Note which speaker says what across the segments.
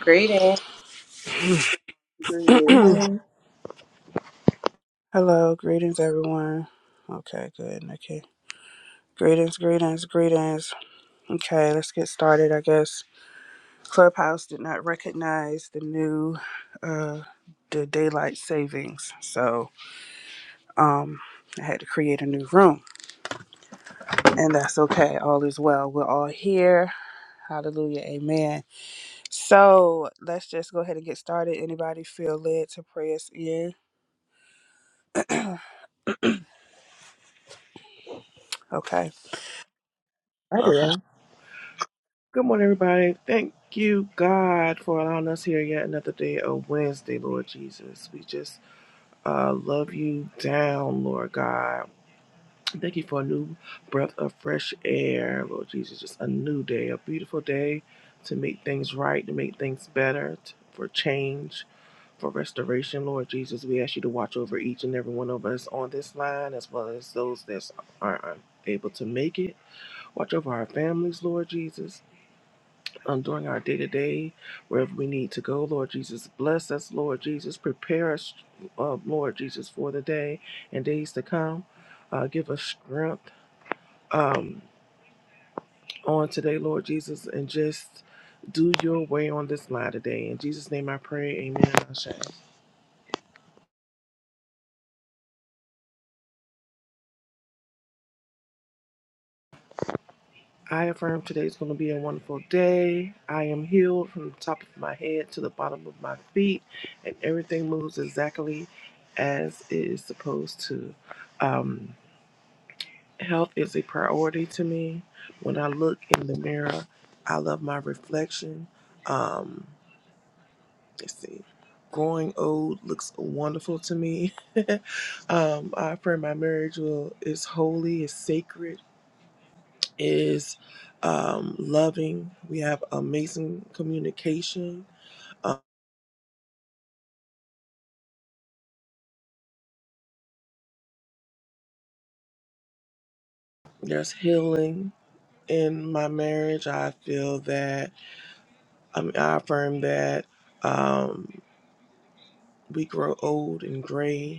Speaker 1: Greetings.
Speaker 2: Greetings.
Speaker 3: Amen.
Speaker 4: Hello, greetings everyone. Okay, good. Okay. Greetings, greetings, greetings. Okay, let's get started, I guess. Clubhouse did not recognize the new uh the daylight savings. So, um I had to create a new room, and that's okay. All is well. We're all here. Hallelujah. Amen. So, let's just go ahead and get started. Anybody feel led to pray us in? okay.
Speaker 3: I
Speaker 4: Okay.
Speaker 3: will. Good morning, everybody. Thank you, God, for allowing us here yet another day of Wednesday, Lord Jesus. We just uh, love you down, Lord God. Thank you for a new breath of fresh air, Lord Jesus. Just a new day, a beautiful day to make things right, to make things better, t- for change, for restoration, Lord Jesus. We ask you to watch over each and every one of us on this line, as well as those that are unable to make it. Watch over our families, Lord Jesus. um, during our day to day, wherever we need to go, Lord Jesus. Bless us, Lord Jesus. Prepare us, uh, Lord Jesus, for the day and days to come. Uh, give us strength on today, Lord Jesus, and just do your way on this line today. In Jesus' name I pray. Amen. Ashe. I affirm today is going to be a wonderful day. I am healed from the top of my head to the bottom of my feet, and everything moves exactly as it is supposed to. Um, Health is a priority to me. When I look in the mirror, I love my reflection. Um, let's see. Growing old looks wonderful to me. um, I pray my marriage will is holy, is sacred, is um, loving. We have amazing communication. Um, there's healing in my marriage. I feel that I, mean, I affirm that um, we grow old and gray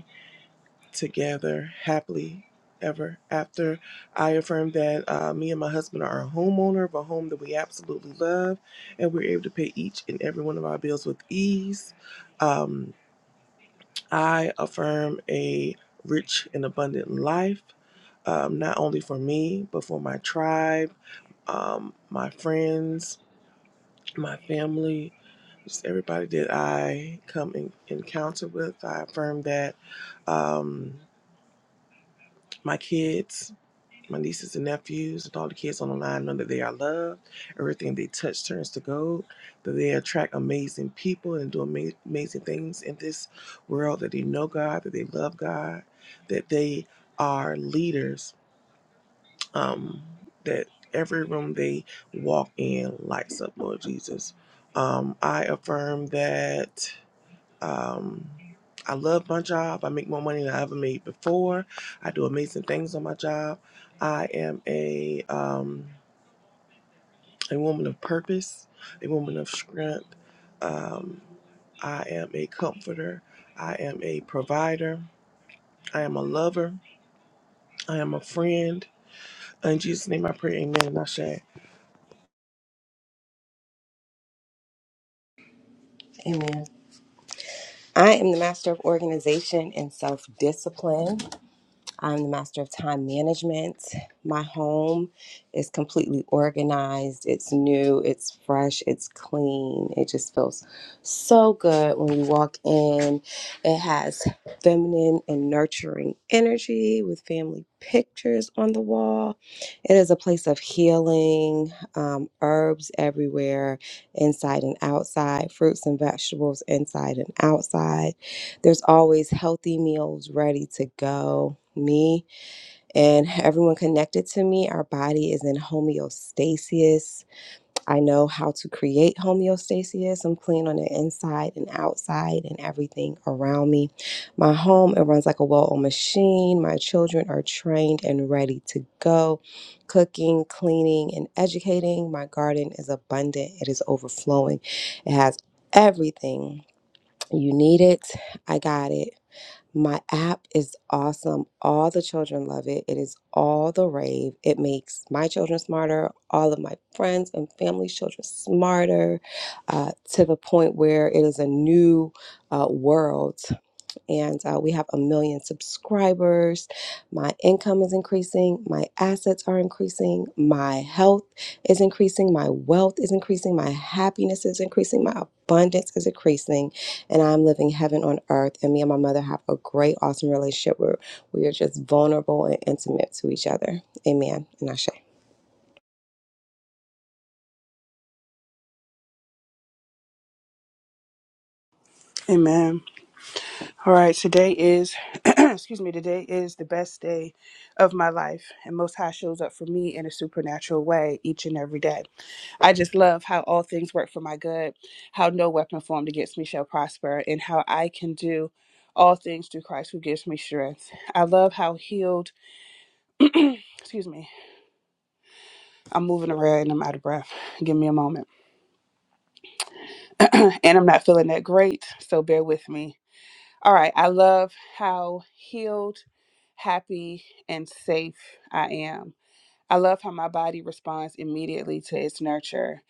Speaker 3: together happily ever after. I affirm that uh, me and my husband are a homeowner of a home that we absolutely love, and we're able to pay each and every one of our bills with ease. Um, I affirm a rich and abundant life, um, not only for me, but for my tribe, um, my friends, my family. Just everybody that I come in encounter with, I affirm that um, my kids my nieces and nephews and all the kids on the line know that they are loved. Everything they touch turns to gold. That they attract amazing people and do ama- amazing things in this world. That they know God. That they love God. That they are leaders. Um, that every room they walk in lights up, Lord Jesus. Um, I affirm that. Um, I love my job. I make more money than I ever made before. I do amazing things on my job. I am a um, a woman of purpose, a woman of strength. I am a comforter. I am a provider. I am a lover. I am a friend. In Jesus' name, I pray. Amen. And I say,
Speaker 1: Amen. I am the master of organization and self discipline. I'm the master of time management. My home is completely organized. It's new, it's fresh, it's clean. It just feels so good when you walk in. It has feminine and nurturing energy with family pictures on the wall. It is a place of healing, um, herbs everywhere, inside and outside, fruits and vegetables inside and outside. There's always healthy meals ready to go. Me and everyone connected to me, our body is in homeostasis. I know how to create homeostasis. I'm clean on the inside and outside and everything around me. My home, it runs like a well oiled machine. My children are trained and ready to go. Cooking, cleaning, and educating. My garden is abundant, it is overflowing. It has everything. You need it. I got it. My app is awesome. All the children love it. It is all the rave. It makes my children smarter, all of my friends and family's children smarter, uh, to the point where it is a new uh, world and uh, we have a million subscribers. My income is increasing, my assets are increasing, my health is increasing, my wealth is increasing, my happiness is increasing, my abundance is increasing, and I'm living heaven on earth. And me and my mother have a great, awesome relationship where we are just vulnerable and intimate to each other. Amen. And Ashe.
Speaker 4: Amen. All right, today is, excuse me, today is the best day of my life, and Most High shows up for me in a supernatural way each and every day. I just love how all things work for my good, how no weapon formed against me shall prosper, and how I can do all things through Christ who gives me strength. I love how healed, excuse me, I'm moving around and I'm out of breath. Give me a moment. and I'm not feeling that great, so bear with me All right. I love how healed, happy, and safe I am. I love how my body responds immediately to its nurture.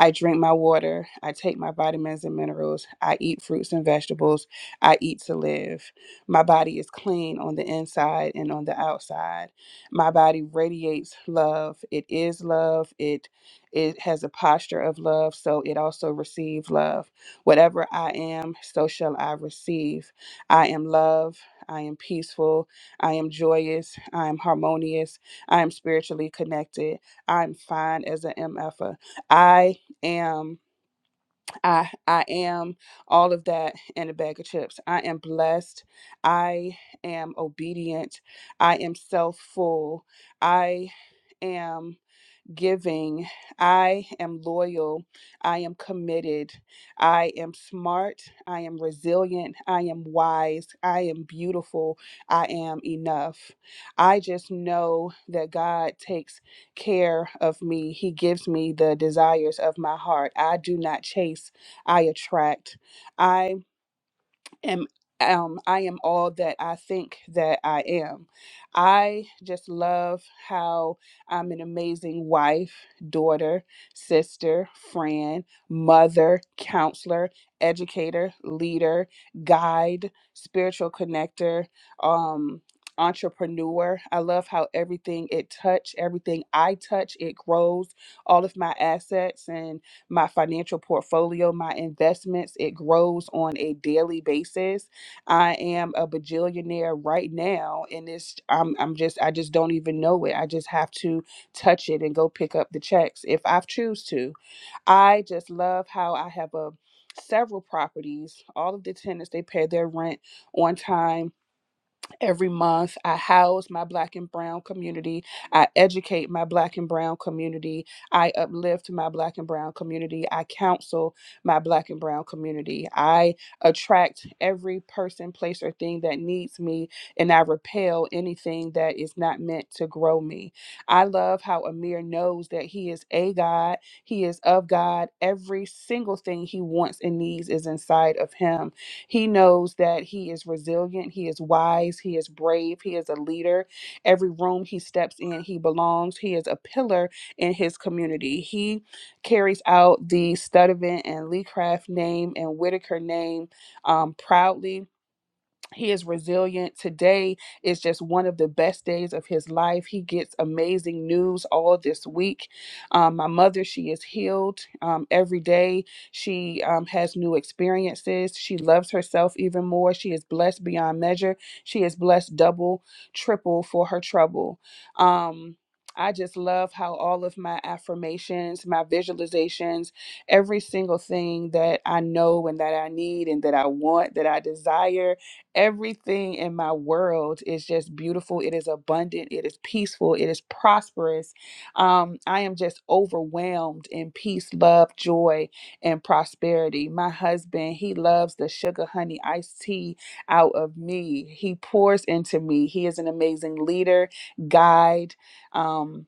Speaker 4: I drink my water. I take my vitamins and minerals. I eat fruits and vegetables. I eat to live. My body is clean on the inside and on the outside. My body radiates love. It is love. It it has a posture of love, so it also receives love. Whatever I am, so shall I receive. I am love. I am peaceful. I am joyous. I am harmonious. I am spiritually connected. I'm fine as an MFer. I am I I am all of that in a bag of chips. I am blessed. I am obedient. I am self full. I am giving. I am loyal. I am committed. I am smart. I am resilient. I am wise. I am beautiful. I am enough. I just know that God takes care of me. He gives me the desires of my heart. I do not chase, I attract. I am um I am all that I think that I am. I just love how I'm an amazing wife, daughter, sister, friend, mother, counselor, educator, leader, guide, spiritual connector, um entrepreneur. I love how everything it touch, everything I touch, it grows all of my assets and my financial portfolio, my investments. It grows on a daily basis. I am a bajillionaire right now, and it's I'm I'm just I just don't even know it. I just have to touch it and go pick up the checks if I choose to. I just love how I have a several properties. All of the tenants they pay their rent on time Every month, I house my Black and Brown community. I educate my Black and Brown community. I uplift my Black and Brown community. I counsel my Black and Brown community. I attract every person, place, or thing that needs me, and I repel anything that is not meant to grow me. I love how Amir knows that he is a God, he is of God. Every single thing he wants and needs is inside of him he knows that he is resilient, he is wise, he is brave, he is a leader. Every room he steps in, he belongs. He is a pillar in his community. He carries out the Studevant and Leecraft name and Whitaker name um, proudly he is resilient. Today is just one of the best days of his life. He gets amazing news all this week. Um, my mother, she is healed um, every day. She um, has new experiences. She loves herself even more. She is blessed beyond measure. She is blessed double, triple for her trouble. Um, I just love how all of my affirmations, my visualizations, every single thing that I know and that I need and that I want, that I desire, Everything in my world is just beautiful. It is abundant. It is peaceful. It is prosperous. Um, I am just overwhelmed in peace, love, joy, and prosperity. My husband, he loves the sugar honey iced tea out of me. He pours into me. He is an amazing leader, guide. Um,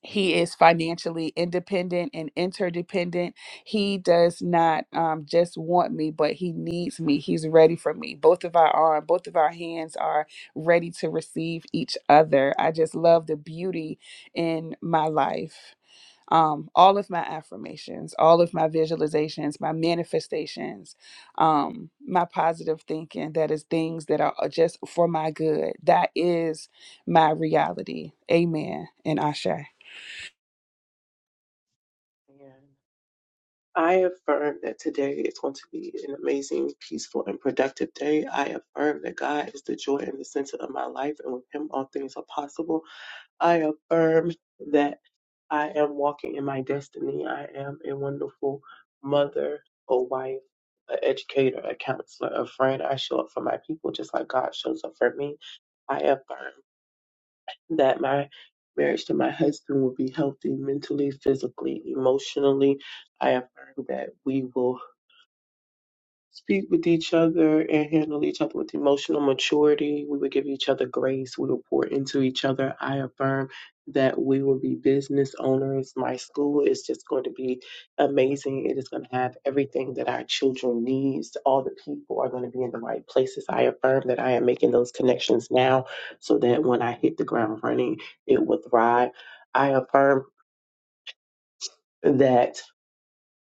Speaker 4: he is financially independent and interdependent. He does not um, just want me, but he needs me. He's ready for me. Both of our arm, both of our hands are ready to receive each other. I just love the beauty in my life. Um, all of my affirmations, all of my visualizations, my manifestations, um, my positive thinking, that is things that are uh, just for my good. That is my reality. Amen. And Ashe.
Speaker 2: Amen. I affirm that today is going to be an amazing, peaceful, and productive day. I affirm that God is the joy and the center of my life, and with Him, all things are possible. I affirm that I am walking in my destiny. I am a wonderful mother, a wife, an educator, a counselor, a friend. I show up for my people just like God shows up for me. I affirm that my marriage to my husband will be healthy mentally, physically, emotionally. I affirm that we will speak with each other and handle each other with emotional maturity. We would give each other grace. We would pour into each other. I affirm that we will be business owners. My school is just going to be amazing. It is going to have everything that our children needs. All the people are going to be in the right places. I affirm that I am making those connections now so that when I hit the ground running, it will thrive. I affirm that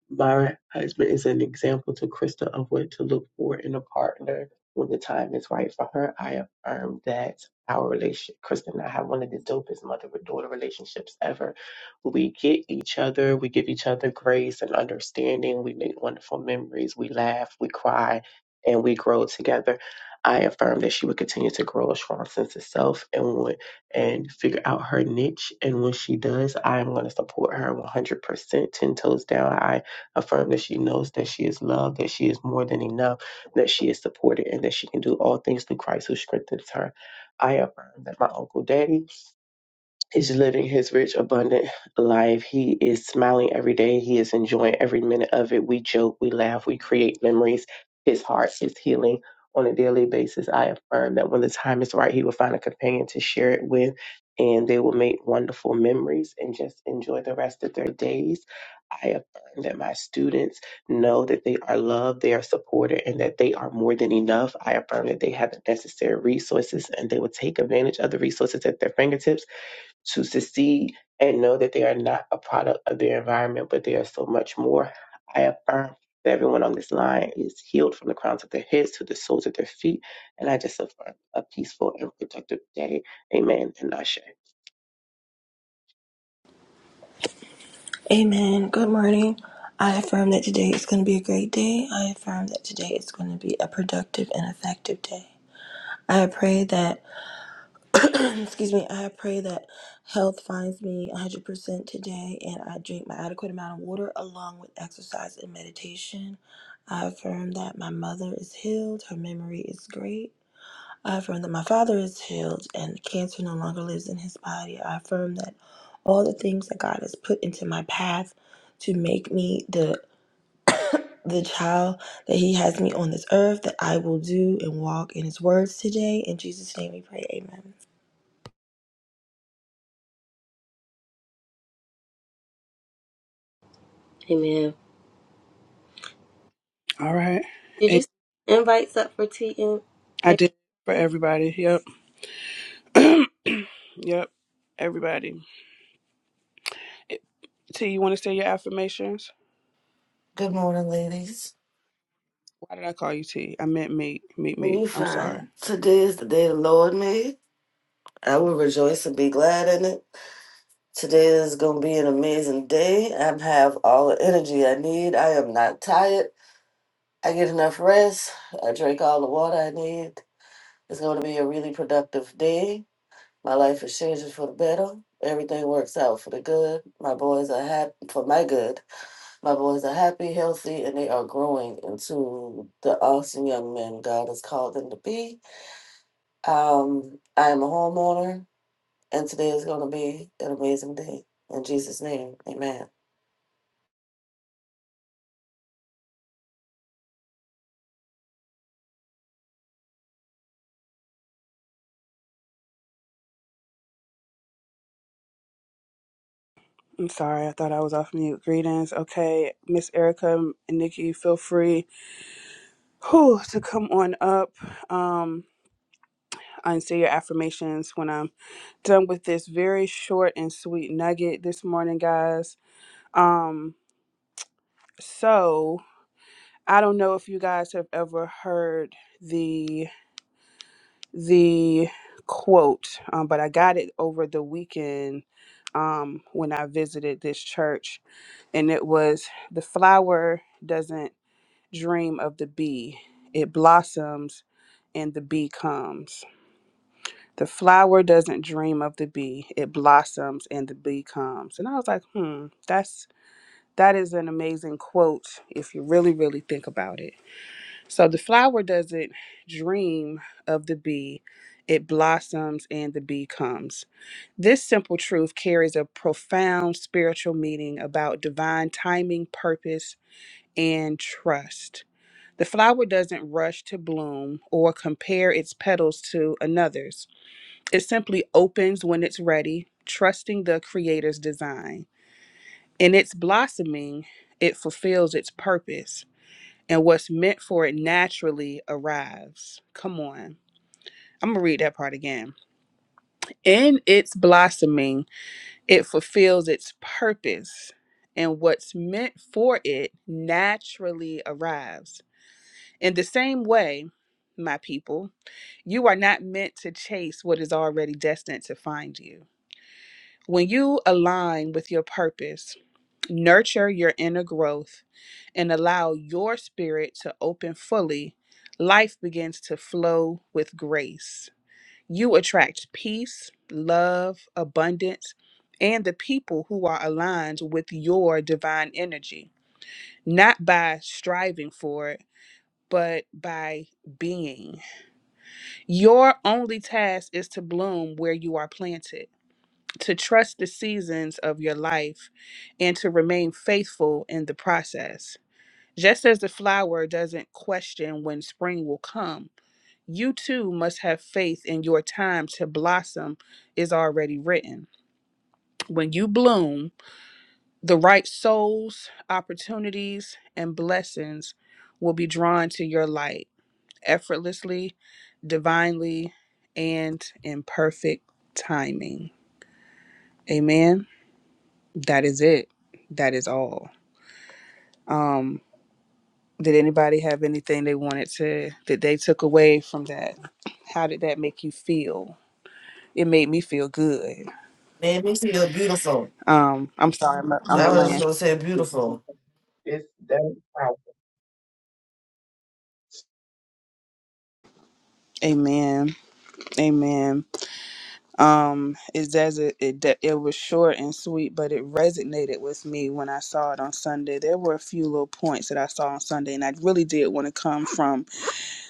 Speaker 2: Byron Husband is an example to Krista of what to look for in a partner when the time is right for her. I affirm that our relationship, Krista and I have one of the dopest mother with daughter relationships ever. We get each other, we give each other grace and understanding, we make wonderful memories, we laugh, we cry, and we grow together. I affirm that she will continue to grow a strong sense of self and when, and figure out her niche. And when she does, I am going to support her 100%, 10 toes down. I Affirm that she knows that she is loved, that she is more than enough, that she is supported, and that she can do all things through Christ who strengthens her. I affirm that my Uncle Daddy He's living his rich, abundant life. He is smiling every day. He is enjoying every minute of it. We joke, we laugh, we create memories. His heart is healing on a daily basis. I affirm that when the time is right, he will find a companion to share it with, and they will make wonderful memories and just enjoy the rest of their days. I affirm that my students know that they are loved, they are supported, and that they are more than enough. I affirm that they have the necessary resources and they will take advantage of the resources at their fingertips to succeed and know that they are not a product of their environment, but they are so much more. I affirm that everyone on this line is healed from the crowns of their heads to the soles of their feet. And I just affirm a peaceful and productive day. Amen and Ashe.
Speaker 5: Amen. Good morning. I affirm that today is going to be a great day. I affirm that today is going to be a productive and effective day. I pray that, excuse me, I pray that health finds me 100% today and I drink my adequate amount of water along with exercise and meditation. I affirm that my mother is healed, her memory is great, I affirm that my father is healed and cancer no longer lives in his body. I affirm that all the things that God has put into my path to make me the the child that he has me on this earth that I will do and walk in his words today. In Jesus' name we pray. Amen.
Speaker 1: Amen.
Speaker 4: All right.
Speaker 1: Did you
Speaker 4: And
Speaker 1: send invites up for tea and
Speaker 4: I did for everybody. Yep. yep. Everybody. It- T, you want to say your affirmations?
Speaker 6: Good morning, ladies.
Speaker 4: Why did I call you T? I meant meet, meet, me.
Speaker 6: We
Speaker 4: I'm sorry.
Speaker 6: fine. Today is the day the Lord made. I will rejoice and be glad in it. Today is going to be an amazing day. I have all the energy I need. I am not tired. I get enough rest. I drink all the water I need. It's going to be a really productive day. My life is changing for the better. Everything works out for the good. My boys are happy for my good. My boys are happy, healthy, and they are growing into the awesome young men God has called them to be. Um, I am a homeowner, and today is going to be an amazing day. In Jesus' name, amen.
Speaker 4: I'm sorry. I thought I was off mute. Greetings. Okay. Miss Erica and Nikki, feel free whew, to come on up um, and say your affirmations when I'm done with this very short and sweet nugget this morning, guys. Um, so I don't know if you guys have ever heard the the quote, um, but I got it over the weekend um, when I visited this church, and it was the flower doesn't dream of the bee; it blossoms, and the bee comes. The flower doesn't dream of the bee; it blossoms, and the bee comes. And I was like, hmm, that's that is an amazing quote if you really really think about it. So the flower doesn't dream of the bee, it blossoms and the bee comes. This simple truth carries a profound spiritual meaning about divine timing, purpose, and trust. The flower doesn't rush to bloom or compare its petals to another's. It simply opens when it's ready, trusting the Creator's design. In its blossoming, it fulfills its purpose and what's meant for it naturally arrives. Come on. I'm going to read that part again. In its blossoming, it fulfills its purpose, and what's meant for it naturally arrives. In the same way, my people, you are not meant to chase what is already destined to find you. When you align with your purpose, Nurture your inner growth and allow your spirit to open fully. Life begins to flow with grace. You attract peace, love, abundance, and the people who are aligned with your divine energy, not by striving for it, but by being. Your only task is to bloom where you are planted, to trust the seasons of your life, and to remain faithful in the process. Just as the flower doesn't question when spring will come, you too must have faith in your time to blossom is already written. When you bloom, the right souls, opportunities, and blessings will be drawn to your light effortlessly, divinely, and in perfect timing. Amen. That is it. That is all. Um. Did anybody have anything they wanted to that they took away from that? How did that make you feel? It made me feel good.
Speaker 6: Made me feel beautiful.
Speaker 4: Um, I'm sorry, I'm a, I'm a
Speaker 6: I was just
Speaker 4: land.
Speaker 6: gonna say beautiful.
Speaker 2: It's that power.
Speaker 4: Amen. Amen. Um, it does it, it d- it was short and sweet, but it resonated with me when I saw it on Sunday. There were a few little points that I saw on Sunday, and I really did want to come from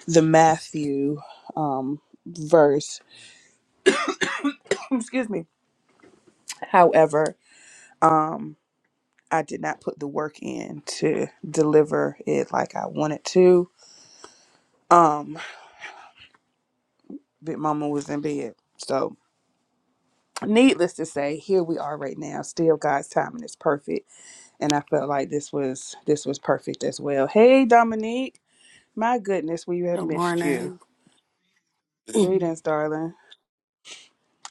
Speaker 4: the Matthew um verse. Excuse me. However, um I did not put the work in to deliver it like I wanted to. Um, Big Mama was in bed. So, needless to say, here we are right now. Still God's timing is perfect, and I felt like this was this was perfect as well. Hey, Dominique, my goodness, we have
Speaker 7: Good
Speaker 4: missed you.
Speaker 7: morning. um,
Speaker 4: Greetings, darling.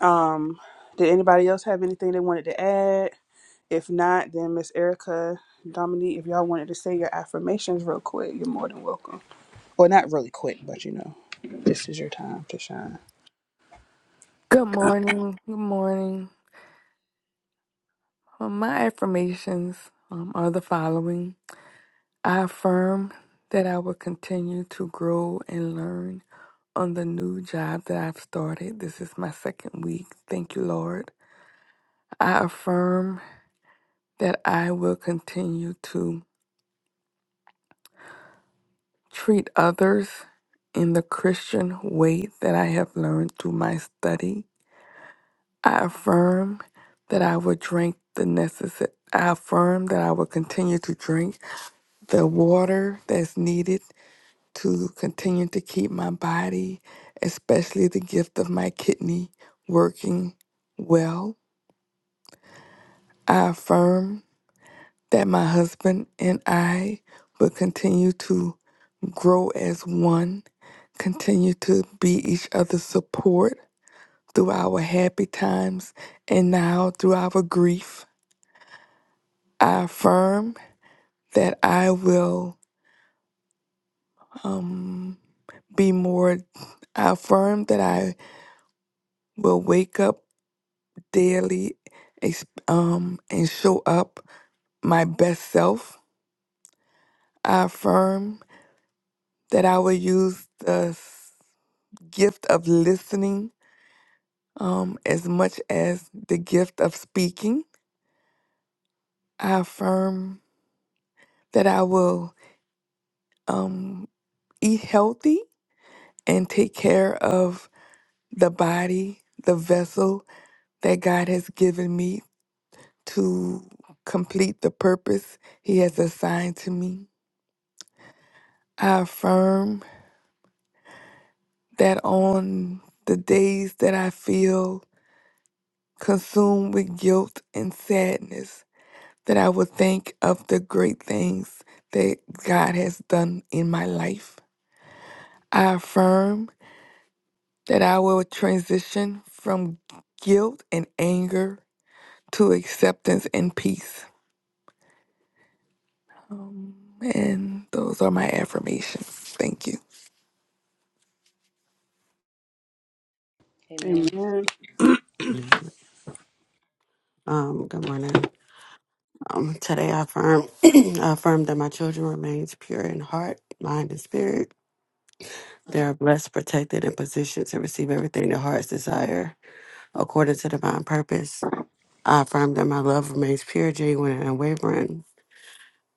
Speaker 4: Um, did anybody else have anything they wanted to add? If not, then Miss Erica, Dominique, if y'all wanted to say your affirmations real quick, you're more than welcome. Well, not really quick, but you know, this is your time to shine.
Speaker 8: Good morning. Good morning. Um, my affirmations um, are the following I affirm that I will continue to grow and learn on the new job that I've started. This is my second week. Thank you, Lord. I affirm that I will continue to treat others in the Christian way that I have learned through my study. I affirm that I will drink the necessary. I affirm that I will continue to drink the water that's needed to continue to keep my body, especially the gift of my kidney, working well. I affirm that my husband and I will continue to grow as one, continue to be each other's support through our happy times and now through our grief. I affirm that I will um, be more, I affirm that I will wake up daily ex- um, and show up my best self. I affirm that I will use the s- gift of listening um, as much as the gift of speaking. I affirm that I will um, eat healthy and take care of the body, the vessel that God has given me to complete the purpose He has assigned to me. I affirm that on the days that I feel consumed with guilt and sadness, that I will think of the great things that God has done in my life. I affirm that I will transition from guilt and anger to acceptance and peace. Um, and those are my affirmations. Thank you.
Speaker 1: Amen.
Speaker 4: Amen.
Speaker 7: good morning. Um, today I affirm, I affirm that my children remains pure in heart, mind, and spirit. They are blessed, protected, and positioned to receive everything their hearts desire according to divine purpose. I affirm that my love remains pure, genuine, and unwavering,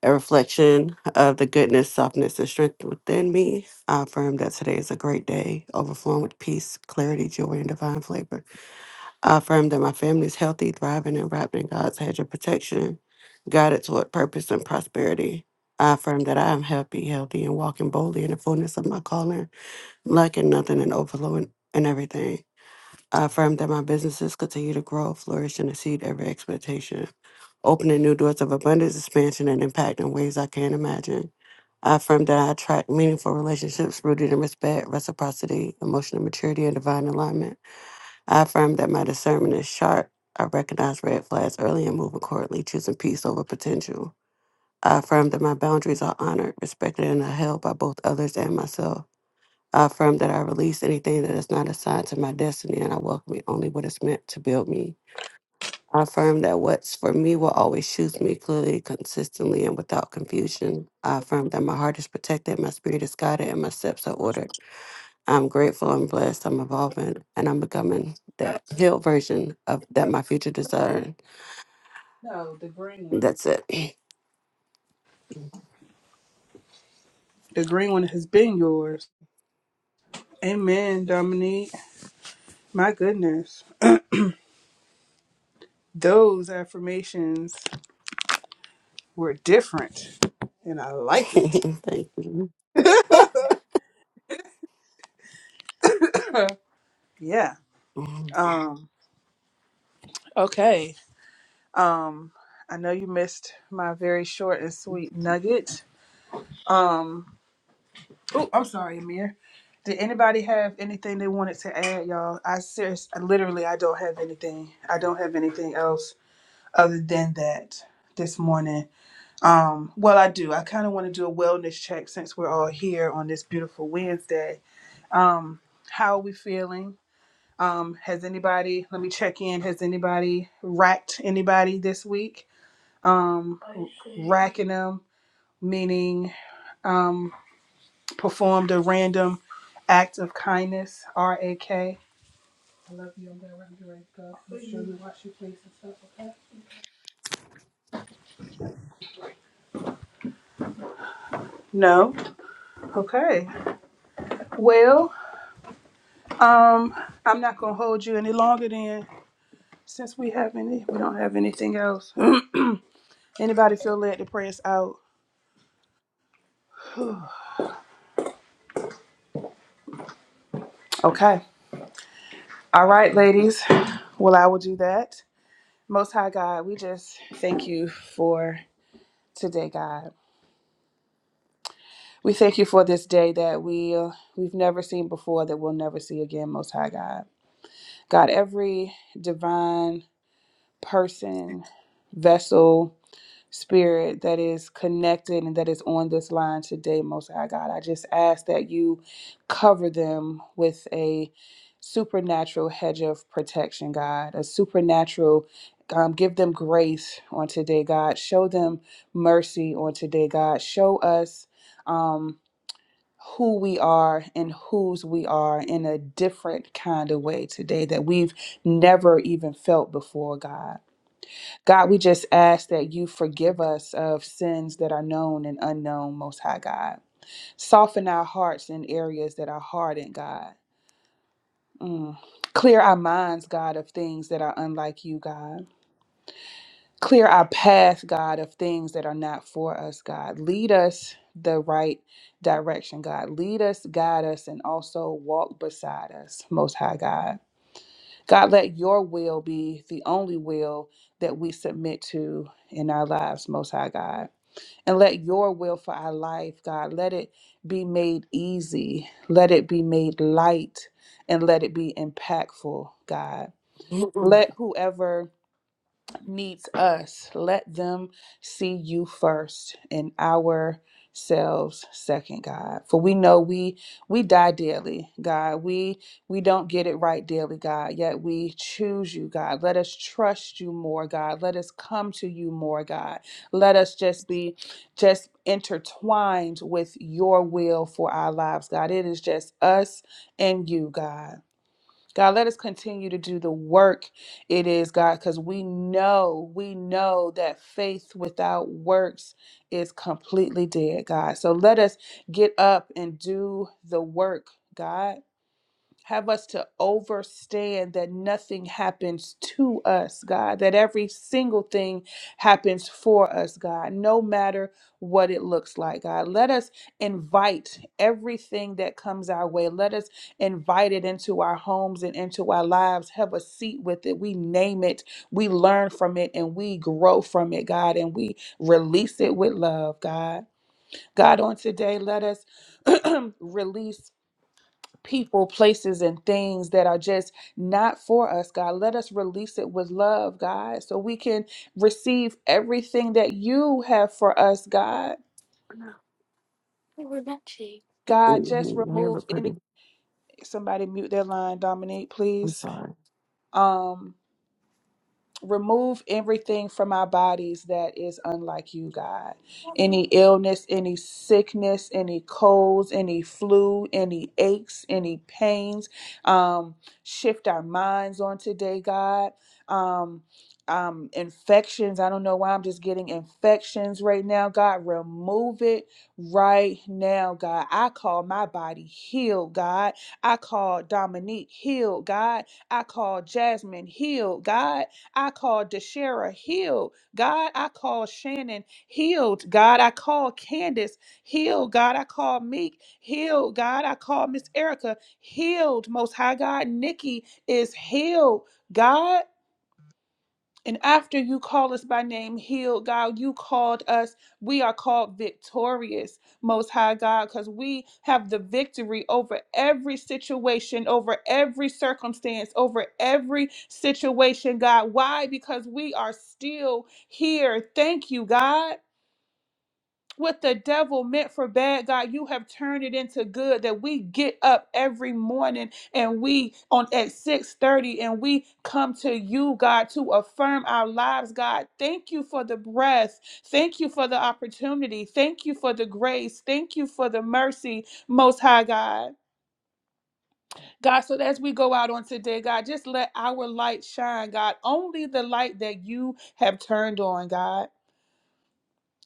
Speaker 7: a reflection of the goodness, softness, and strength within me. I affirm that today is a great day, overflowing with peace, clarity, joy, and divine flavor. I affirm that my family is healthy, thriving, and wrapped in God's hedge of protection, guided toward purpose and prosperity. I affirm that I am happy, healthy, and walking boldly in the fullness of my calling, lacking nothing and overflowing in everything. I affirm that my businesses continue to grow, flourish, and exceed every expectation, opening new doors of abundance, expansion, and impact in ways I can't imagine. I affirm that I attract meaningful relationships rooted in respect, reciprocity, emotional maturity, and divine alignment. I affirm that my discernment is sharp. I recognize red flags early and move accordingly, choosing peace over potential. I affirm that my boundaries are honored, respected, and upheld by both others and myself. I affirm that I release anything that is not assigned to my destiny and I welcome it only what is meant to build me. I affirm that what's for me will always choose me clearly, consistently, and without confusion. I affirm that my heart is protected, my spirit is guided, and my steps are ordered. I'm grateful I'm blessed. I'm evolving and I'm becoming
Speaker 4: I don't
Speaker 7: that healed version of that my future desire.
Speaker 4: know the green one.
Speaker 7: That's it.
Speaker 4: The green one has been yours. Amen, Dominique. My goodness, those affirmations were different, and I like
Speaker 7: Thank you.
Speaker 4: it. yeah. Um. Okay. Um. I know you missed my very short and sweet nugget. Um. Oh, I'm sorry, Amir. Did anybody have anything they wanted to add, y'all? I serious, I literally, I don't have anything. I don't have anything else other than that this morning. Um, well, I do. I kind of want to do a wellness check since we're all here on this beautiful Wednesday. Um, how are we feeling? Um, has anybody? Let me check in. Has anybody racked anybody this week? Um, racking them meaning. Um, performed a random act of kindness, R A K. I love you. I'm glad we're under right to Make sure you wash your face and stuff. okay? No. Okay. Well, um, I'm not gonna hold you any longer then. Since we have any, we don't have anything else. Anybody feel led to pray us out? Okay. All right, ladies. Well, I will do that. Most High God, we just thank you for today, God. We thank you for this day that we uh, we've never seen before, that we'll never see again, Most High God. God, every divine person, vessel, spirit that is connected and that is on this line today, Most High God, I just ask that you cover them with a supernatural hedge of protection, God, a supernatural. Um, give them grace on today, God. Show them mercy on today, God. Show us. Um, who we are and whose we are in a different kind of way today that we've never even felt before, God. God, we just ask that you forgive us of sins that are known and unknown, Most High God. Soften our hearts in areas that are hardened, God. Mm. Clear our minds, God, of things that are unlike you, God. clear our path, God, of things that are not for us, God. Lead us the right direction, God. Lead us, guide us, and also walk beside us, Most High God. God, let your will be the only will that we submit to in our lives, Most High God. And let your will for our life, God, let it be made easy, let it be made light, and let it be impactful, God.
Speaker 7: Mhm.
Speaker 4: Let whoever needs us. Let them see you first and ourselves second, God. For we know we we die daily, God. We we don't get it right daily, God. Yet we choose you, God. Let us trust you more, God. Let us come to you more, God. Let us just be just intertwined with your will for our lives, God. It is just us and you, God. God, let us continue to do the work it is, God, because we know, we know that faith without works is completely dead, God. So let us get up and do the work, God. Have us to overstand that nothing happens to us, God, that every single thing happens for us, God, no matter what it looks like, God. Let us invite everything that comes our way. Let us invite it into our homes and into our lives. Have a seat with it. We name it, we learn from it, and we grow from it, God, and we release it with love, God. God, on today, let us release people, places, and things that are just not for us, God. Let us release it with love, God, so we can receive everything that you have for us, God.
Speaker 7: They were matching.
Speaker 4: God, just
Speaker 7: Mhm. I
Speaker 4: remove
Speaker 7: look
Speaker 4: any
Speaker 7: pretty.
Speaker 4: somebody mute their line, Dominique,
Speaker 7: I'm
Speaker 4: please.
Speaker 7: sorry.
Speaker 4: Um remove everything from our bodies that is unlike you, God. Any illness, any sickness, any colds, any flu, any aches, any pains. Um, shift our minds on today, God. Um, um, infections. I don't know why I'm just getting infections right now, God. Remove it right now, God. I call my body healed, God. I call Dominique healed, God. I call Jasmine healed, God. I call Deshera healed. God, I call Shannon healed. God, I call Candace healed. God, I call Meek healed. God, I call Miss Erica healed. Most High God, Nikki is healed. God. And after you call us by name, healed, God, you called us. We are called victorious, Most High God, because we have the victory over every situation, over every circumstance, over every situation, God. Why? Because we are still here. Thank you, God what the devil meant for bad, God, you have turned it into good. That we get up every morning and we on at 6:30 and we come to you, God, to affirm our lives, God. Thank you for the breath. Thank you for the opportunity. Thank you for the grace. Thank you for the mercy, most high God. God, so as we go out on today, God, just let our light shine, God. Only the light that you have turned on, God.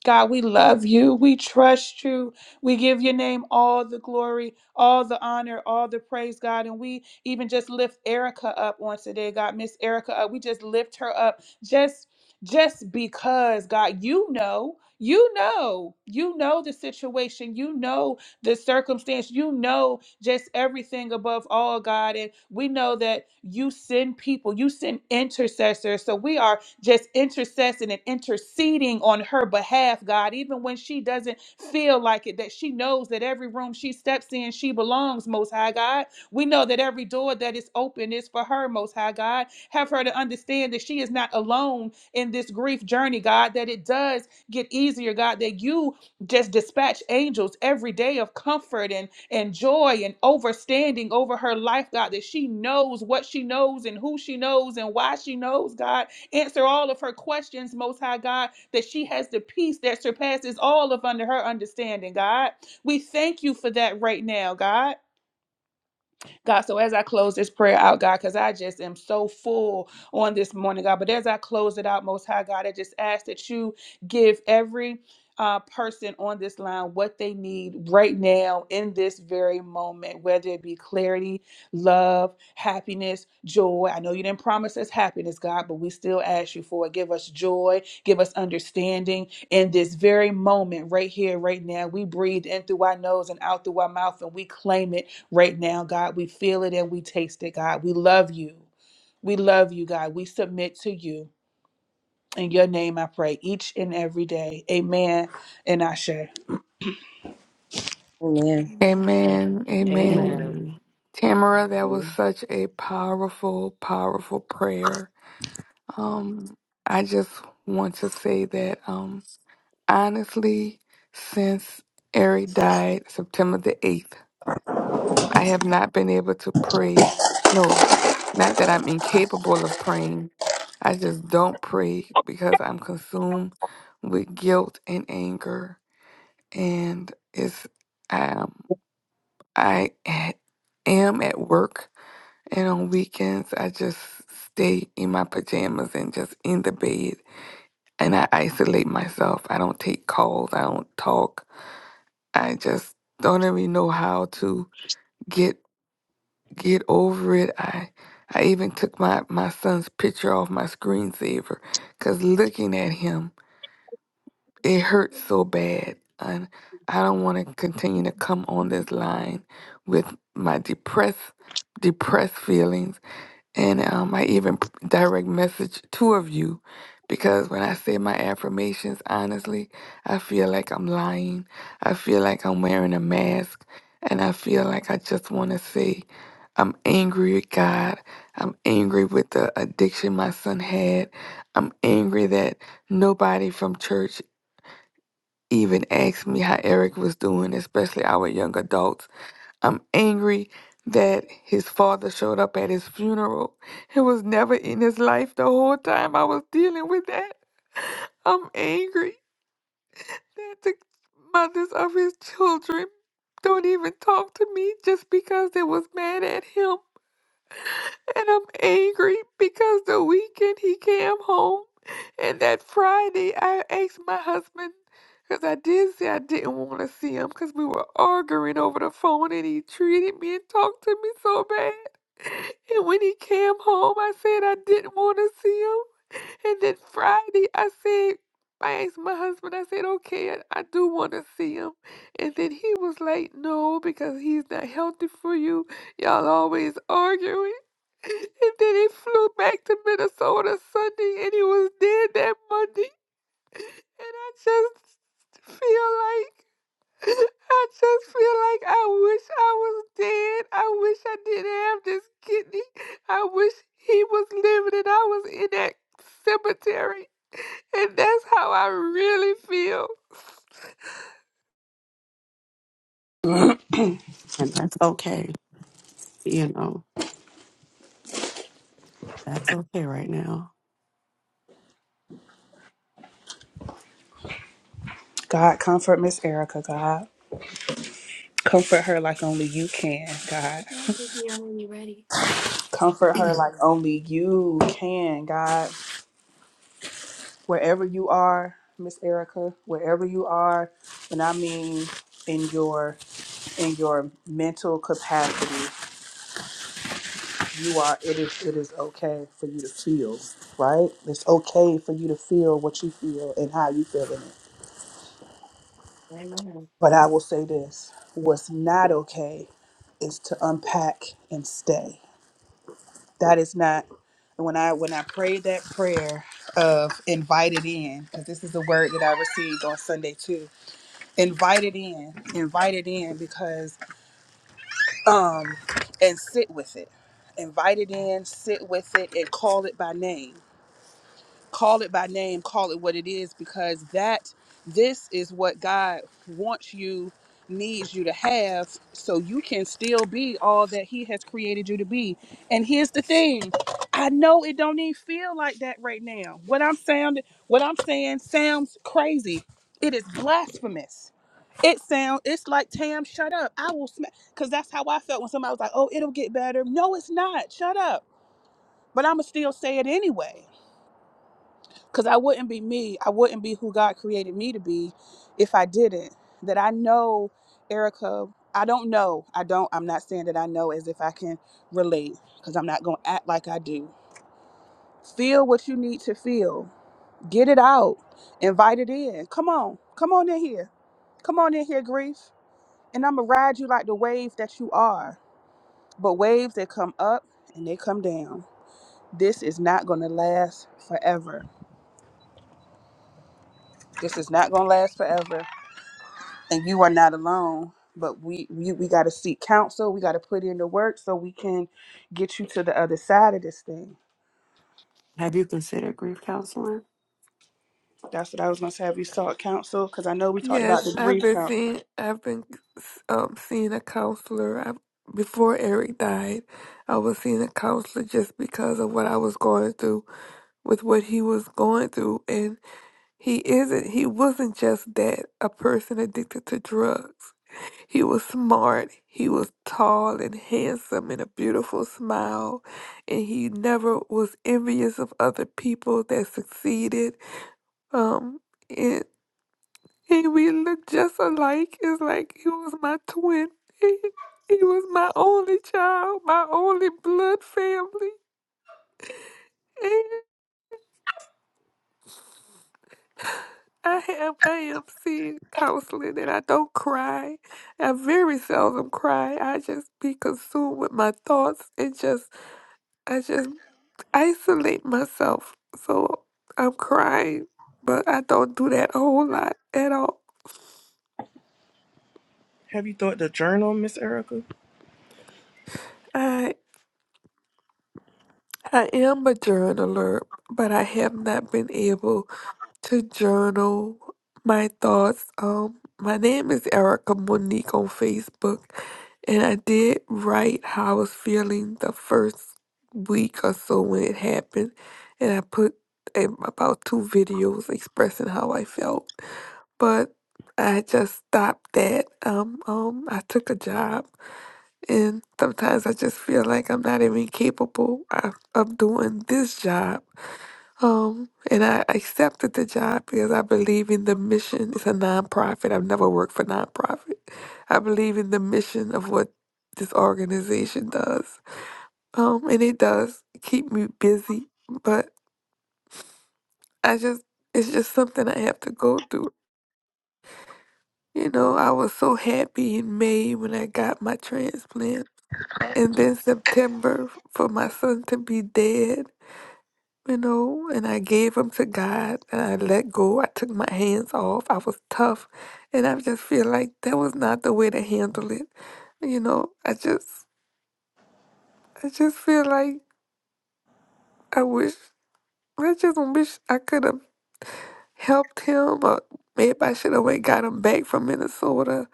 Speaker 4: God, we love you. We trust you. We give your name all the glory, all the honor, all the praise, God. And we even just lift Erica up on today, God. Miss Erica up. We just lift her up just just because, God, you know, you know, you know the situation. You know the circumstance. You know just everything above all, God. And we know that you send people, you send intercessors. So we are just intercessing and interceding on her behalf, God, even when she doesn't feel like it, that she knows that every room she steps in, she belongs, Most High God. We know that every door that is open is for her, Most High God. Have her to understand that she is not alone in this grief journey, God, that it does get easier, God, that you just dispatch angels every day of comfort and, and joy and overstanding over her life, God, that she knows what she knows and who she knows and why she knows, God. Answer all of her questions, Most High God, that she has the peace that surpasses all of under her understanding, God. We thank you for that right now, God. God, so as I close this prayer out, God, because I just am so full on this morning, God, but as I close it out, Most High God, I just ask that you give every uh, person on this line what they need right now in this very moment, whether it be clarity, love, happiness, joy. I know you didn't promise us happiness, God, but we still ask you for it. Give us joy, give us understanding in this very moment, right here, right now. We breathe in through our nose and out through our mouth, and we claim it right now, God. We feel it and we taste it, God. We love you. We love you, God. We submit to you. In your name I pray each and every day. Amen. And I share.
Speaker 1: Amen.
Speaker 5: Amen.
Speaker 8: Amen. Amen.
Speaker 6: Amen.
Speaker 7: Amen.
Speaker 8: Tamara, that was such a powerful, powerful prayer. Um, I just want to say that um, honestly, since Eric died September the 8th, I have not been able to pray. No, not that I'm incapable of praying. I just don't pray because I'm consumed with guilt and anger. And it's, um, I am at work, and on weekends, I just stay in my pajamas and just in the bed and I isolate myself. I don't take calls. I don't talk. I just don't even know how to get get over it. I I even took my my son's picture off my screensaver because looking at him it hurts so bad, and I don't want to continue to come on this line with my depressed depressed feelings And um, I even p- direct message two of you because when I say my affirmations, honestly, I feel like I'm lying. I feel like I'm wearing a mask. And I feel like I just want to say, I'm angry with God. I'm angry with the addiction my son had. I'm angry that nobody from church even asked me how Eric was doing, especially our young adults. I'm angry that his father showed up at his funeral. It was never in his life the whole time I was dealing with that. I'm angry that the mothers of his children don't even talk to me just because they was mad at him. And I'm angry because the weekend he came home, and that Friday I asked my husband, because I did say I didn't want to see him because we were arguing over the phone, and he treated me and talked to me so bad. And when he came home, I said I didn't want to see him. And then Friday, I said, I asked my husband, I said, okay, I, I do want to see him. And then he was like, no, because he's not healthy for you. Y'all always arguing. And then he flew back to Minnesota Sunday and he was dead that Monday. And I just feel like, I just feel like I wish I was dead. I wish I didn't have this kidney. I wish he was living and I was in that cemetery. And that's how I really feel.
Speaker 7: And that's okay. You know, that's okay right now.
Speaker 4: God, comfort Miss Erica, God. Comfort her like only you can, God.
Speaker 7: Yeah, when you're ready.
Speaker 4: Comfort her like only you can, God. Wherever you are, Miss Erica, wherever you are, and I mean in your in your mental capacity you are it is it is okay for you to feel right it's okay for you to feel what you feel and how you feel in it
Speaker 6: Amen.
Speaker 4: but i will say this what's not okay is to unpack and stay that is not when i when i prayed that prayer of invited in because this is a word that i received on sunday too invited in invited in because um and sit with it invited in sit with it and call it by name call it by name, call it what it is, because that this is what God wants you, needs you to have, so you can still be all that He has created you to be. And here's the thing. I know it don't even feel like that right now. What I'm sounding what I'm saying sounds crazy. It is blasphemous. It sound it's like Tam, shut up. I will smack because that's how I felt when somebody was like, oh, it'll get better. No, it's not. Shut up. But I'ma still say it anyway because I wouldn't be me. I wouldn't be who God created me to be if I didn't. That I know, Erica, I don't know. I don't, I'm not saying that I know as if I can relate because I'm not going to act like I do. Feel what you need to feel. Get it out. Invite it in. Come on. Come on in here. Come on in here, grief. And I'm going to ride you like the wave that you are. But waves that come up and they come down. This is not going to last forever. This is not going to last forever and you are not alone but we we, we got to seek counsel we got to put in the work so we can get you to the other side of this thing
Speaker 7: Have you considered grief counseling?
Speaker 4: that's what i was going to say have you sought counsel because i know we talked about
Speaker 8: Yes,
Speaker 4: the
Speaker 8: I've
Speaker 4: grief
Speaker 8: been
Speaker 4: counsel
Speaker 8: seeing. I've been um seeing a counselor I, before Eric died. I was seeing a counselor just because of what I was going through with what he was going through, and he isn't. He wasn't just that a person addicted to drugs. He was smart. He was tall and handsome and a beautiful smile, and he never was envious of other people that succeeded. Um and we look just alike. It's like he was my twin. He, he was my only child, my only blood family. And I am I am seeing counseling and I don't cry. I very seldom cry. I just be consumed with my thoughts and just I just isolate myself. So I'm crying, but I don't do that a whole lot at all.
Speaker 3: Have you thought to journal, Miss Erica?
Speaker 8: I I am a journaler, but I have not been able to journal my thoughts. Um, my name is Erica Monique on Facebook, and I did write how I was feeling the first week or so when it happened, and I put um, about two videos expressing how I felt, but. I just stopped that. Um, um, I took a job, and sometimes I just feel like I'm not even capable of, of doing this job. Um, and I accepted the job because I believe in the mission. It's a nonprofit. I've never worked for nonprofit. I believe in the mission of what this organization does. Um, and it does keep me busy, but I just it's just something I have to go through. You know, I was so happy in May when I got my transplant. And then September for my son to be dead. you know, and I gave them to God and I let go. I took my hands off. I was tough. And I just feel like that was not the way to handle it. You know, I just I just feel like I wish I just wish I could have helped him or maybe I should have went got him back from Minnesota.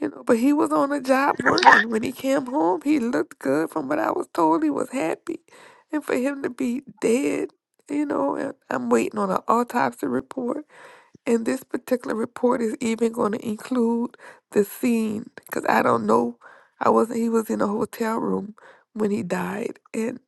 Speaker 8: You know, but he was on a job working. When he came home he looked good from what I was told he was happy. And for him to be dead, you know, and I'm waiting on an autopsy report And this particular report is even going to include the scene because I don't know. I wasn't, he was in a hotel room when he died. And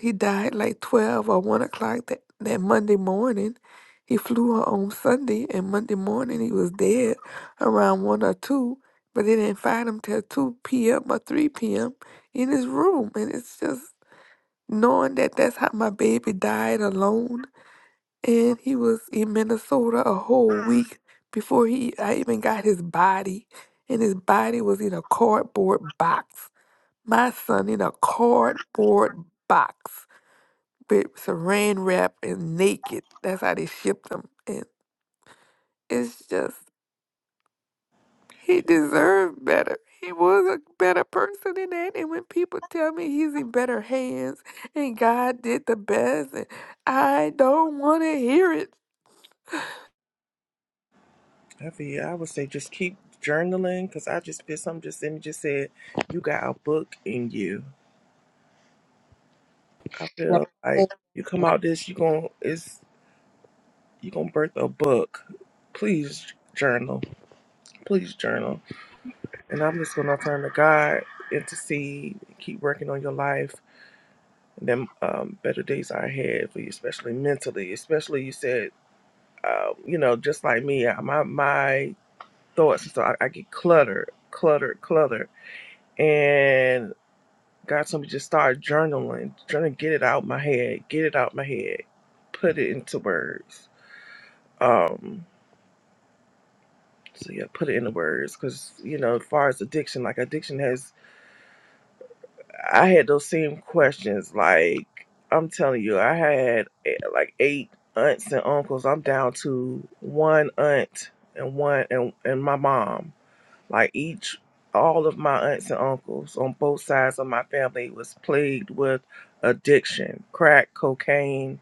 Speaker 8: he died like 12 or 1 o'clock that, that Monday morning. He flew her on Sunday, and Monday morning he was dead around 1 or 2. But they didn't find him till 2 p.m. or 3 p.m. in his room. And it's just knowing that that's how my baby died alone and he was in Minnesota a whole week before he I even got his body, and his body was in a cardboard box. My son in a cardboard box with saran wrap and naked. That's how they shipped him, and it's just he deserved better. He was a better person than that. And when people tell me he's in better hands and God did the best, and I don't want to hear it.
Speaker 3: Every year, I would say just keep journaling because I just did something just then. It just said you got a book in you I feel
Speaker 1: And
Speaker 3: like you come out this, you gon' it's you gonna birth a book. Please journal, please journal. And I'm just gonna turn to God, intercede, keep working on your life. And then um, better days are ahead for you, especially mentally. Especially you said, um, you know, just like me, I- my my thoughts, so I, I get cluttered, cluttered, cluttered, and. God told me just start journaling, trying to get it out my head, get it out my head, put it into words Um, so yeah, put it into words because you know, as far as addiction, like addiction has, I had those same questions. Like I'm telling you, I had eh, like eight aunts and uncles. I'm down to one aunt and one and and my mom. Like each, all of my aunts and uncles on both sides of my family was plagued with addiction, crack, cocaine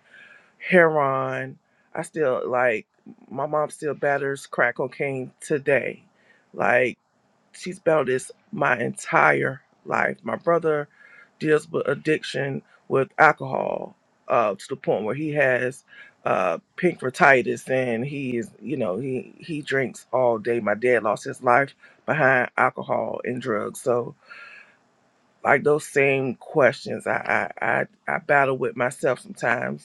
Speaker 3: heroin. I still like my mom still batters crack cocaine today. Like she's battled this my entire life. My brother deals with addiction with alcohol uh, to the point where he has uh, pink and he is you know he he drinks all day. My dad lost his life behind alcohol and drugs. So like those same questions, I I I, I battle with myself sometimes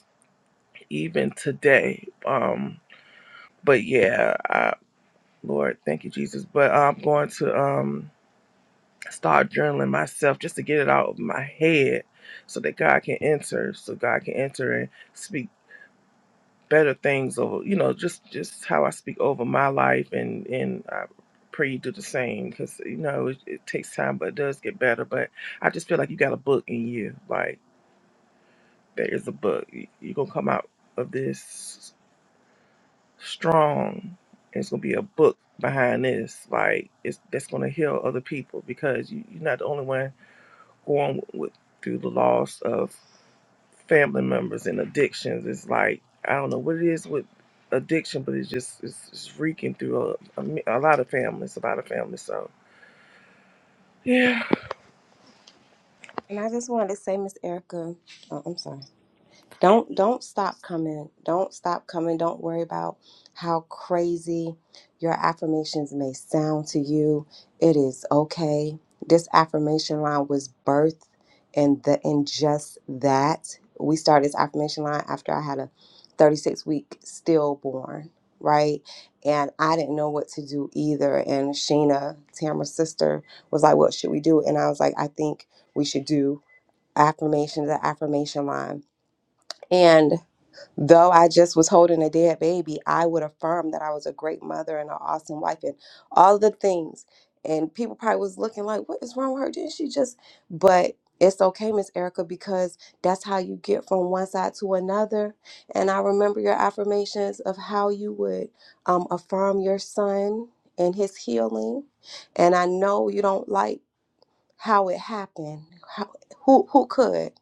Speaker 3: even today. Um, but yeah, I, Lord, thank you, Jesus. But I'm going to um, start journaling myself just to get it out of my head, so that God can enter, so God can enter and speak better things over. You know, just just how I speak over my life, and and I pray you do the same because you know it, it takes time, but it does get better. But I just feel like you got a book in you, like there is a book. You, you're gonna come out of this. strong. It's gonna be a book behind this, like it's that's gonna heal other people because you, you're not the only one going with, with through the loss of family members and addictions. It's like I don't know what it is with addiction, but it's just it's, it's reeking through a, a, mi- a lot of families, a lot of families. So yeah,
Speaker 1: I just wanted to say, Miss Erica, oh, I'm sorry. don't don't stop coming don't stop coming don't worry about how crazy your affirmations may sound to you it is okay this affirmation line was birthed and the in just that we started this affirmation line after i had a 36 week stillborn right and i didn't know what to do either and sheena tamra's sister was like what should we do and i was like i think we should do affirmations the affirmation line and. Though I just was holding a dead baby, I would affirm that I was a great mother and an awesome wife and all the things. And people probably was looking like, what is wrong with her? Didn't she just? But it's okay, Miss Erica, because that's how you get from one side to another. And I remember your affirmations of how you would um, affirm your son and his healing. And I know you don't like how it happened. How, who who could?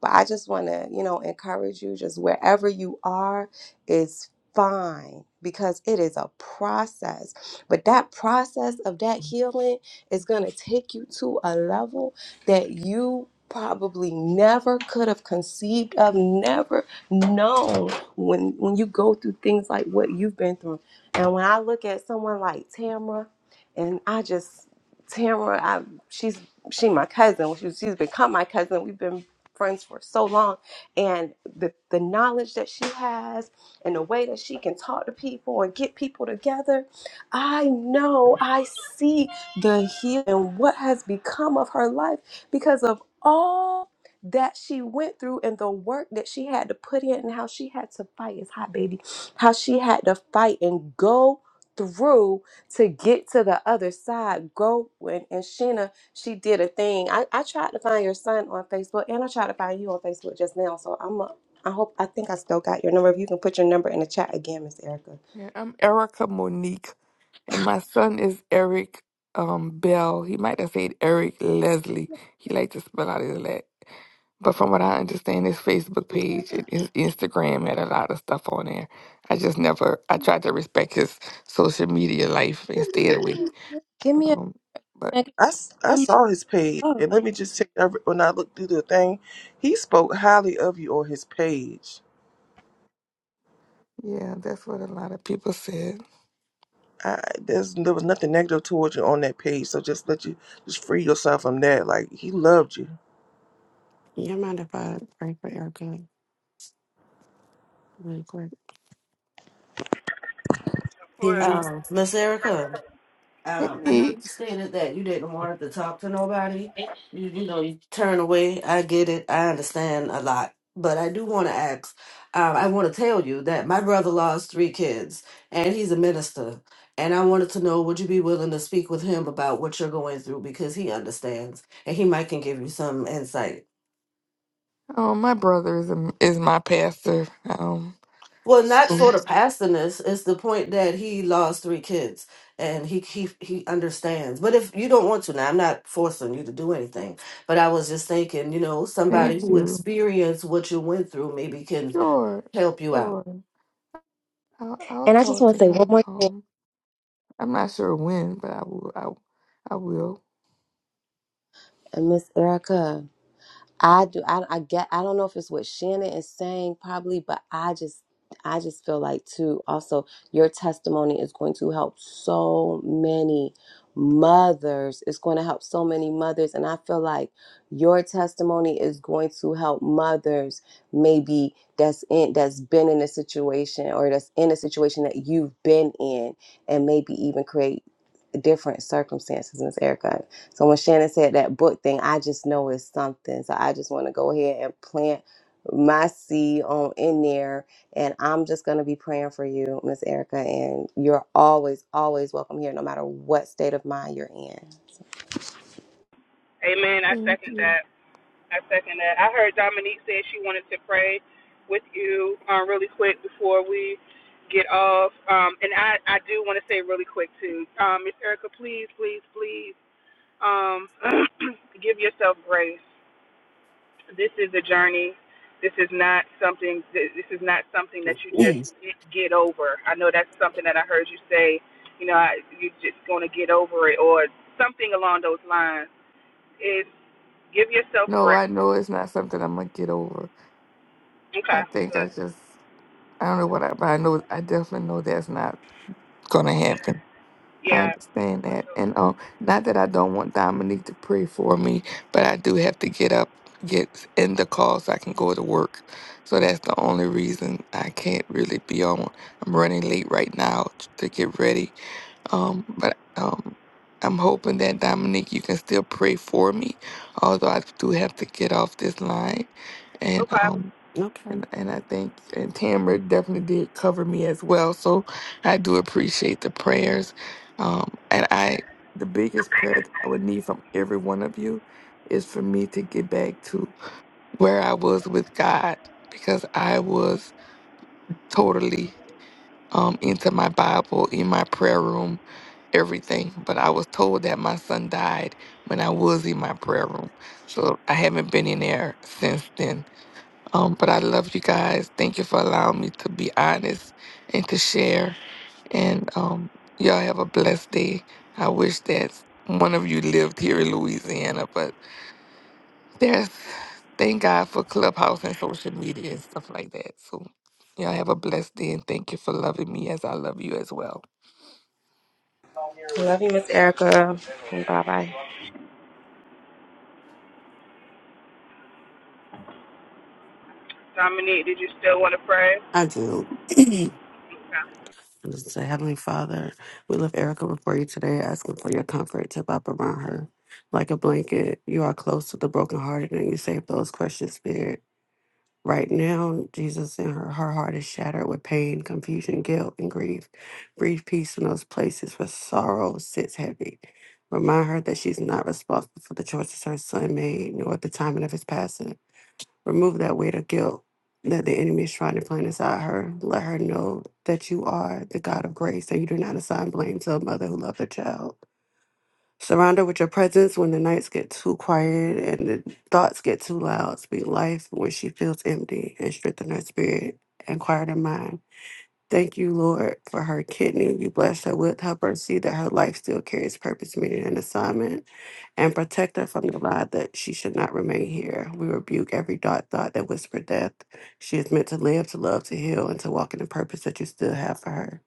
Speaker 1: But I just want to, you know, encourage you just wherever you are is fine because it is a process. But that process of that healing is going to take you to a level that you probably never could have conceived of, never known when when you go through things like what you've been through. And when I look at someone like Tamra and I just Tamra, I, she's she my cousin. Well, She's she's become my cousin. We've been friends for so long, and the the knowledge that she has, and the way that she can talk to people and get people together, I know I see the healing and what has become of her life because of all that she went through and the work that she had to put in and how she had to fight It's hot baby how she had to fight and go through to get to the other side go and, and sheena she did a thing. I, I tried to find your son on Facebook and I tried to find you on Facebook just now. So I'm a, I hope I think I still got your number. If you can put your number in the chat again, Miss Erica.
Speaker 8: Yeah, I'm Erica Monique. And my son is Eric um, Bell. He might have said Eric Leslie. He liked to spell out his last. But from what I understand, his Facebook page and his Instagram had a lot of stuff on there. I just never, I tried to respect his social media life and stay away.
Speaker 1: Give me a
Speaker 8: Um, but
Speaker 3: I, s- I saw his page, and let me just tell you, every- when I looked through the thing, he spoke highly of you on his page.
Speaker 8: yeah, that's what a lot of people said.
Speaker 3: I, there's there was nothing negative towards you on that page, so just let you just free yourself from that. Like he loved you.
Speaker 7: You mind if I pray for Erica really quick? Can you
Speaker 6: Um, Miss Erica.
Speaker 8: Hey,
Speaker 6: Um, I know
Speaker 8: Meek.
Speaker 6: you stated that you didn't want to talk to nobody.
Speaker 7: hear
Speaker 6: You, you know, you turn away. I get it. I understand a lot. But I do want to ask, um, I want to tell you that my brother lost three kids and he's a minister. And I wanted to know, would you be willing to speak with him about what you're going through? Because he understands and he might can give you some insight.
Speaker 8: Um, my brother is a, is my pastor. Um,
Speaker 6: Well, not
Speaker 8: so
Speaker 6: for the pastorness. It's the point that he lost three kids, and he he he understands. But if you don't want to, now I'm not forcing you to do anything. But I was just thinking, you know, somebody
Speaker 8: thank
Speaker 6: who
Speaker 8: you.
Speaker 6: experienced what you went through maybe can
Speaker 8: Sure,
Speaker 6: help you out.
Speaker 8: sure. I'll, I'll
Speaker 1: and I just
Speaker 8: talk
Speaker 1: want
Speaker 8: to
Speaker 1: to say one
Speaker 8: him.
Speaker 1: more thing,
Speaker 8: Um, I'm not sure when, but I will. I, I will.
Speaker 1: uh, Miss Erica. I do. I, I get. I don't know if it's what Shannon is saying, probably, but I just, I just feel like too. Also, your testimony is going to help so many mothers. It's going to help so many mothers, and I feel like your testimony is going to help mothers maybe that's in that's been in a situation or that's in a situation that you've been in, and maybe even create different circumstances, Miss Erica. So when Shannon said that book thing, I just know it's something. So I just want to go ahead and plant my seed on in there. And I'm just gonna be praying for you, Miss Erica. And you're always, always welcome here, no matter what state of mind you're in.
Speaker 4: Amen. I
Speaker 8: Thank
Speaker 4: second
Speaker 8: you.
Speaker 4: that. I second that. I heard Dominique say she wanted to pray with you um, really quick before we get off. Um, and I, I do want to say really quick too, um, Miss Erica, please, please, please um, give yourself grace. This is a journey. This is not something. This is not something that you just
Speaker 7: me?
Speaker 4: get over. I know that's something that I heard you say. You know, I, you're just going to get over it, or something along those lines. Is give yourself
Speaker 8: No,
Speaker 4: grace.
Speaker 8: I know it's not something I'm gonna get over. I
Speaker 4: Okay.
Speaker 8: think
Speaker 4: Good.
Speaker 8: I just, I don't know what I, but I know, I definitely know that's not gonna happen. I
Speaker 4: Yeah.
Speaker 8: understand that, and um, not that I don't want Dominique to pray for me, but I do have to get up, get in the call so I can go to work. So that's the only reason I can't really be on. I'm running late right now t- to get ready Um, but um, I'm hoping that Dominique, you can still pray for me, although I do have to get off this line. And
Speaker 4: Okay.
Speaker 8: um,
Speaker 7: Okay.
Speaker 8: and, and I think and Tamara definitely did cover me as well. So I do appreciate the prayers. Um, and I the biggest prayer that I would need from every one of you is for me to get back to where I was with God because I was totally um into my Bible in my prayer room everything, but I was told that my son died when I was in my prayer room. So I haven't been in there since then. Um, but I love you guys. Thank you for allowing me to be honest and to share. And um, y'all have a blessed day. I wish that one of you lived here in Louisiana, but there's thank God for Clubhouse and social media and stuff like that. So y'all have a blessed day and thank you for loving me as I love you as well.
Speaker 1: Love you, Miss Erica. Bye bye.
Speaker 4: Dominique, did you still want to pray?
Speaker 7: I do.
Speaker 4: Okay.
Speaker 7: And Just say, Heavenly Father, we lift Erica before you today, asking for your comfort to wrap around her like a blanket. You are close to the brokenhearted, and you save those questions, Spirit. Right now, Jesus, in her, her heart is shattered with pain, confusion, guilt, and grief. Breathe peace in those places where sorrow sits heavy. Remind her that she's not responsible for the choices her son made, nor the timing of his passing. Remove that weight of guilt that the enemy is trying to plant inside her. Let her know that you are the God of grace and you do not assign blame to a mother who loved her child. Surround her with your presence when the nights get too quiet and the thoughts get too loud. Speak life when she feels empty and strengthen her spirit and quiet her mind. Thank you, Lord, for her kidney. You bless her with help her see that her life still carries purpose, meaning, and assignment, and protect her from the lie that she should not remain here. We rebuke every dark thought that whisper death. She is meant to live, to love, to heal, and to walk in the purpose that you still have for her.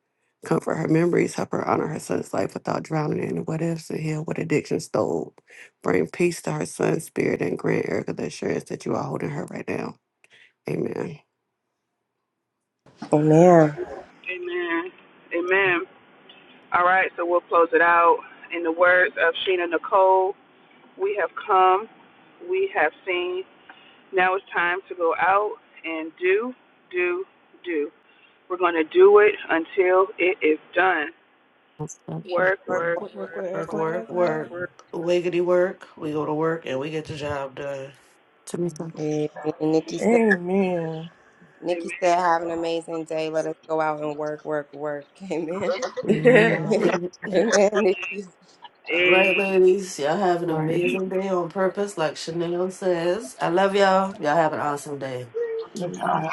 Speaker 7: Comfort her memories, help her honor her son's life without drowning in the what ifs and heal what addiction stole. Bring peace to her son's spirit and grant Erica the assurance that you are holding her right now. Amen.
Speaker 1: Amen.
Speaker 4: Amen. Amen. All right, so we'll close it out. In the words of Sheena Nicole, we have come, we have seen. Now it's time to go out and do, do, do. We're going to untie. Word.
Speaker 1: Work, work, work,
Speaker 6: Work,
Speaker 1: work.
Speaker 6: work, work. Wiggity work. We go to work and we get the job done.
Speaker 7: Tamika.
Speaker 1: And Nikki said
Speaker 3: Amen.
Speaker 1: Nikki said, have an amazing day. Let us go out and work, work, work. Amen.
Speaker 7: Mhm.
Speaker 1: Amen, Nikki.
Speaker 6: All right, ladies, y'all have an
Speaker 7: Right.
Speaker 6: amazing day on purpose, like Chanel says. I love y'all. Y'all have an awesome day.
Speaker 3: Yeah.
Speaker 7: Mhm.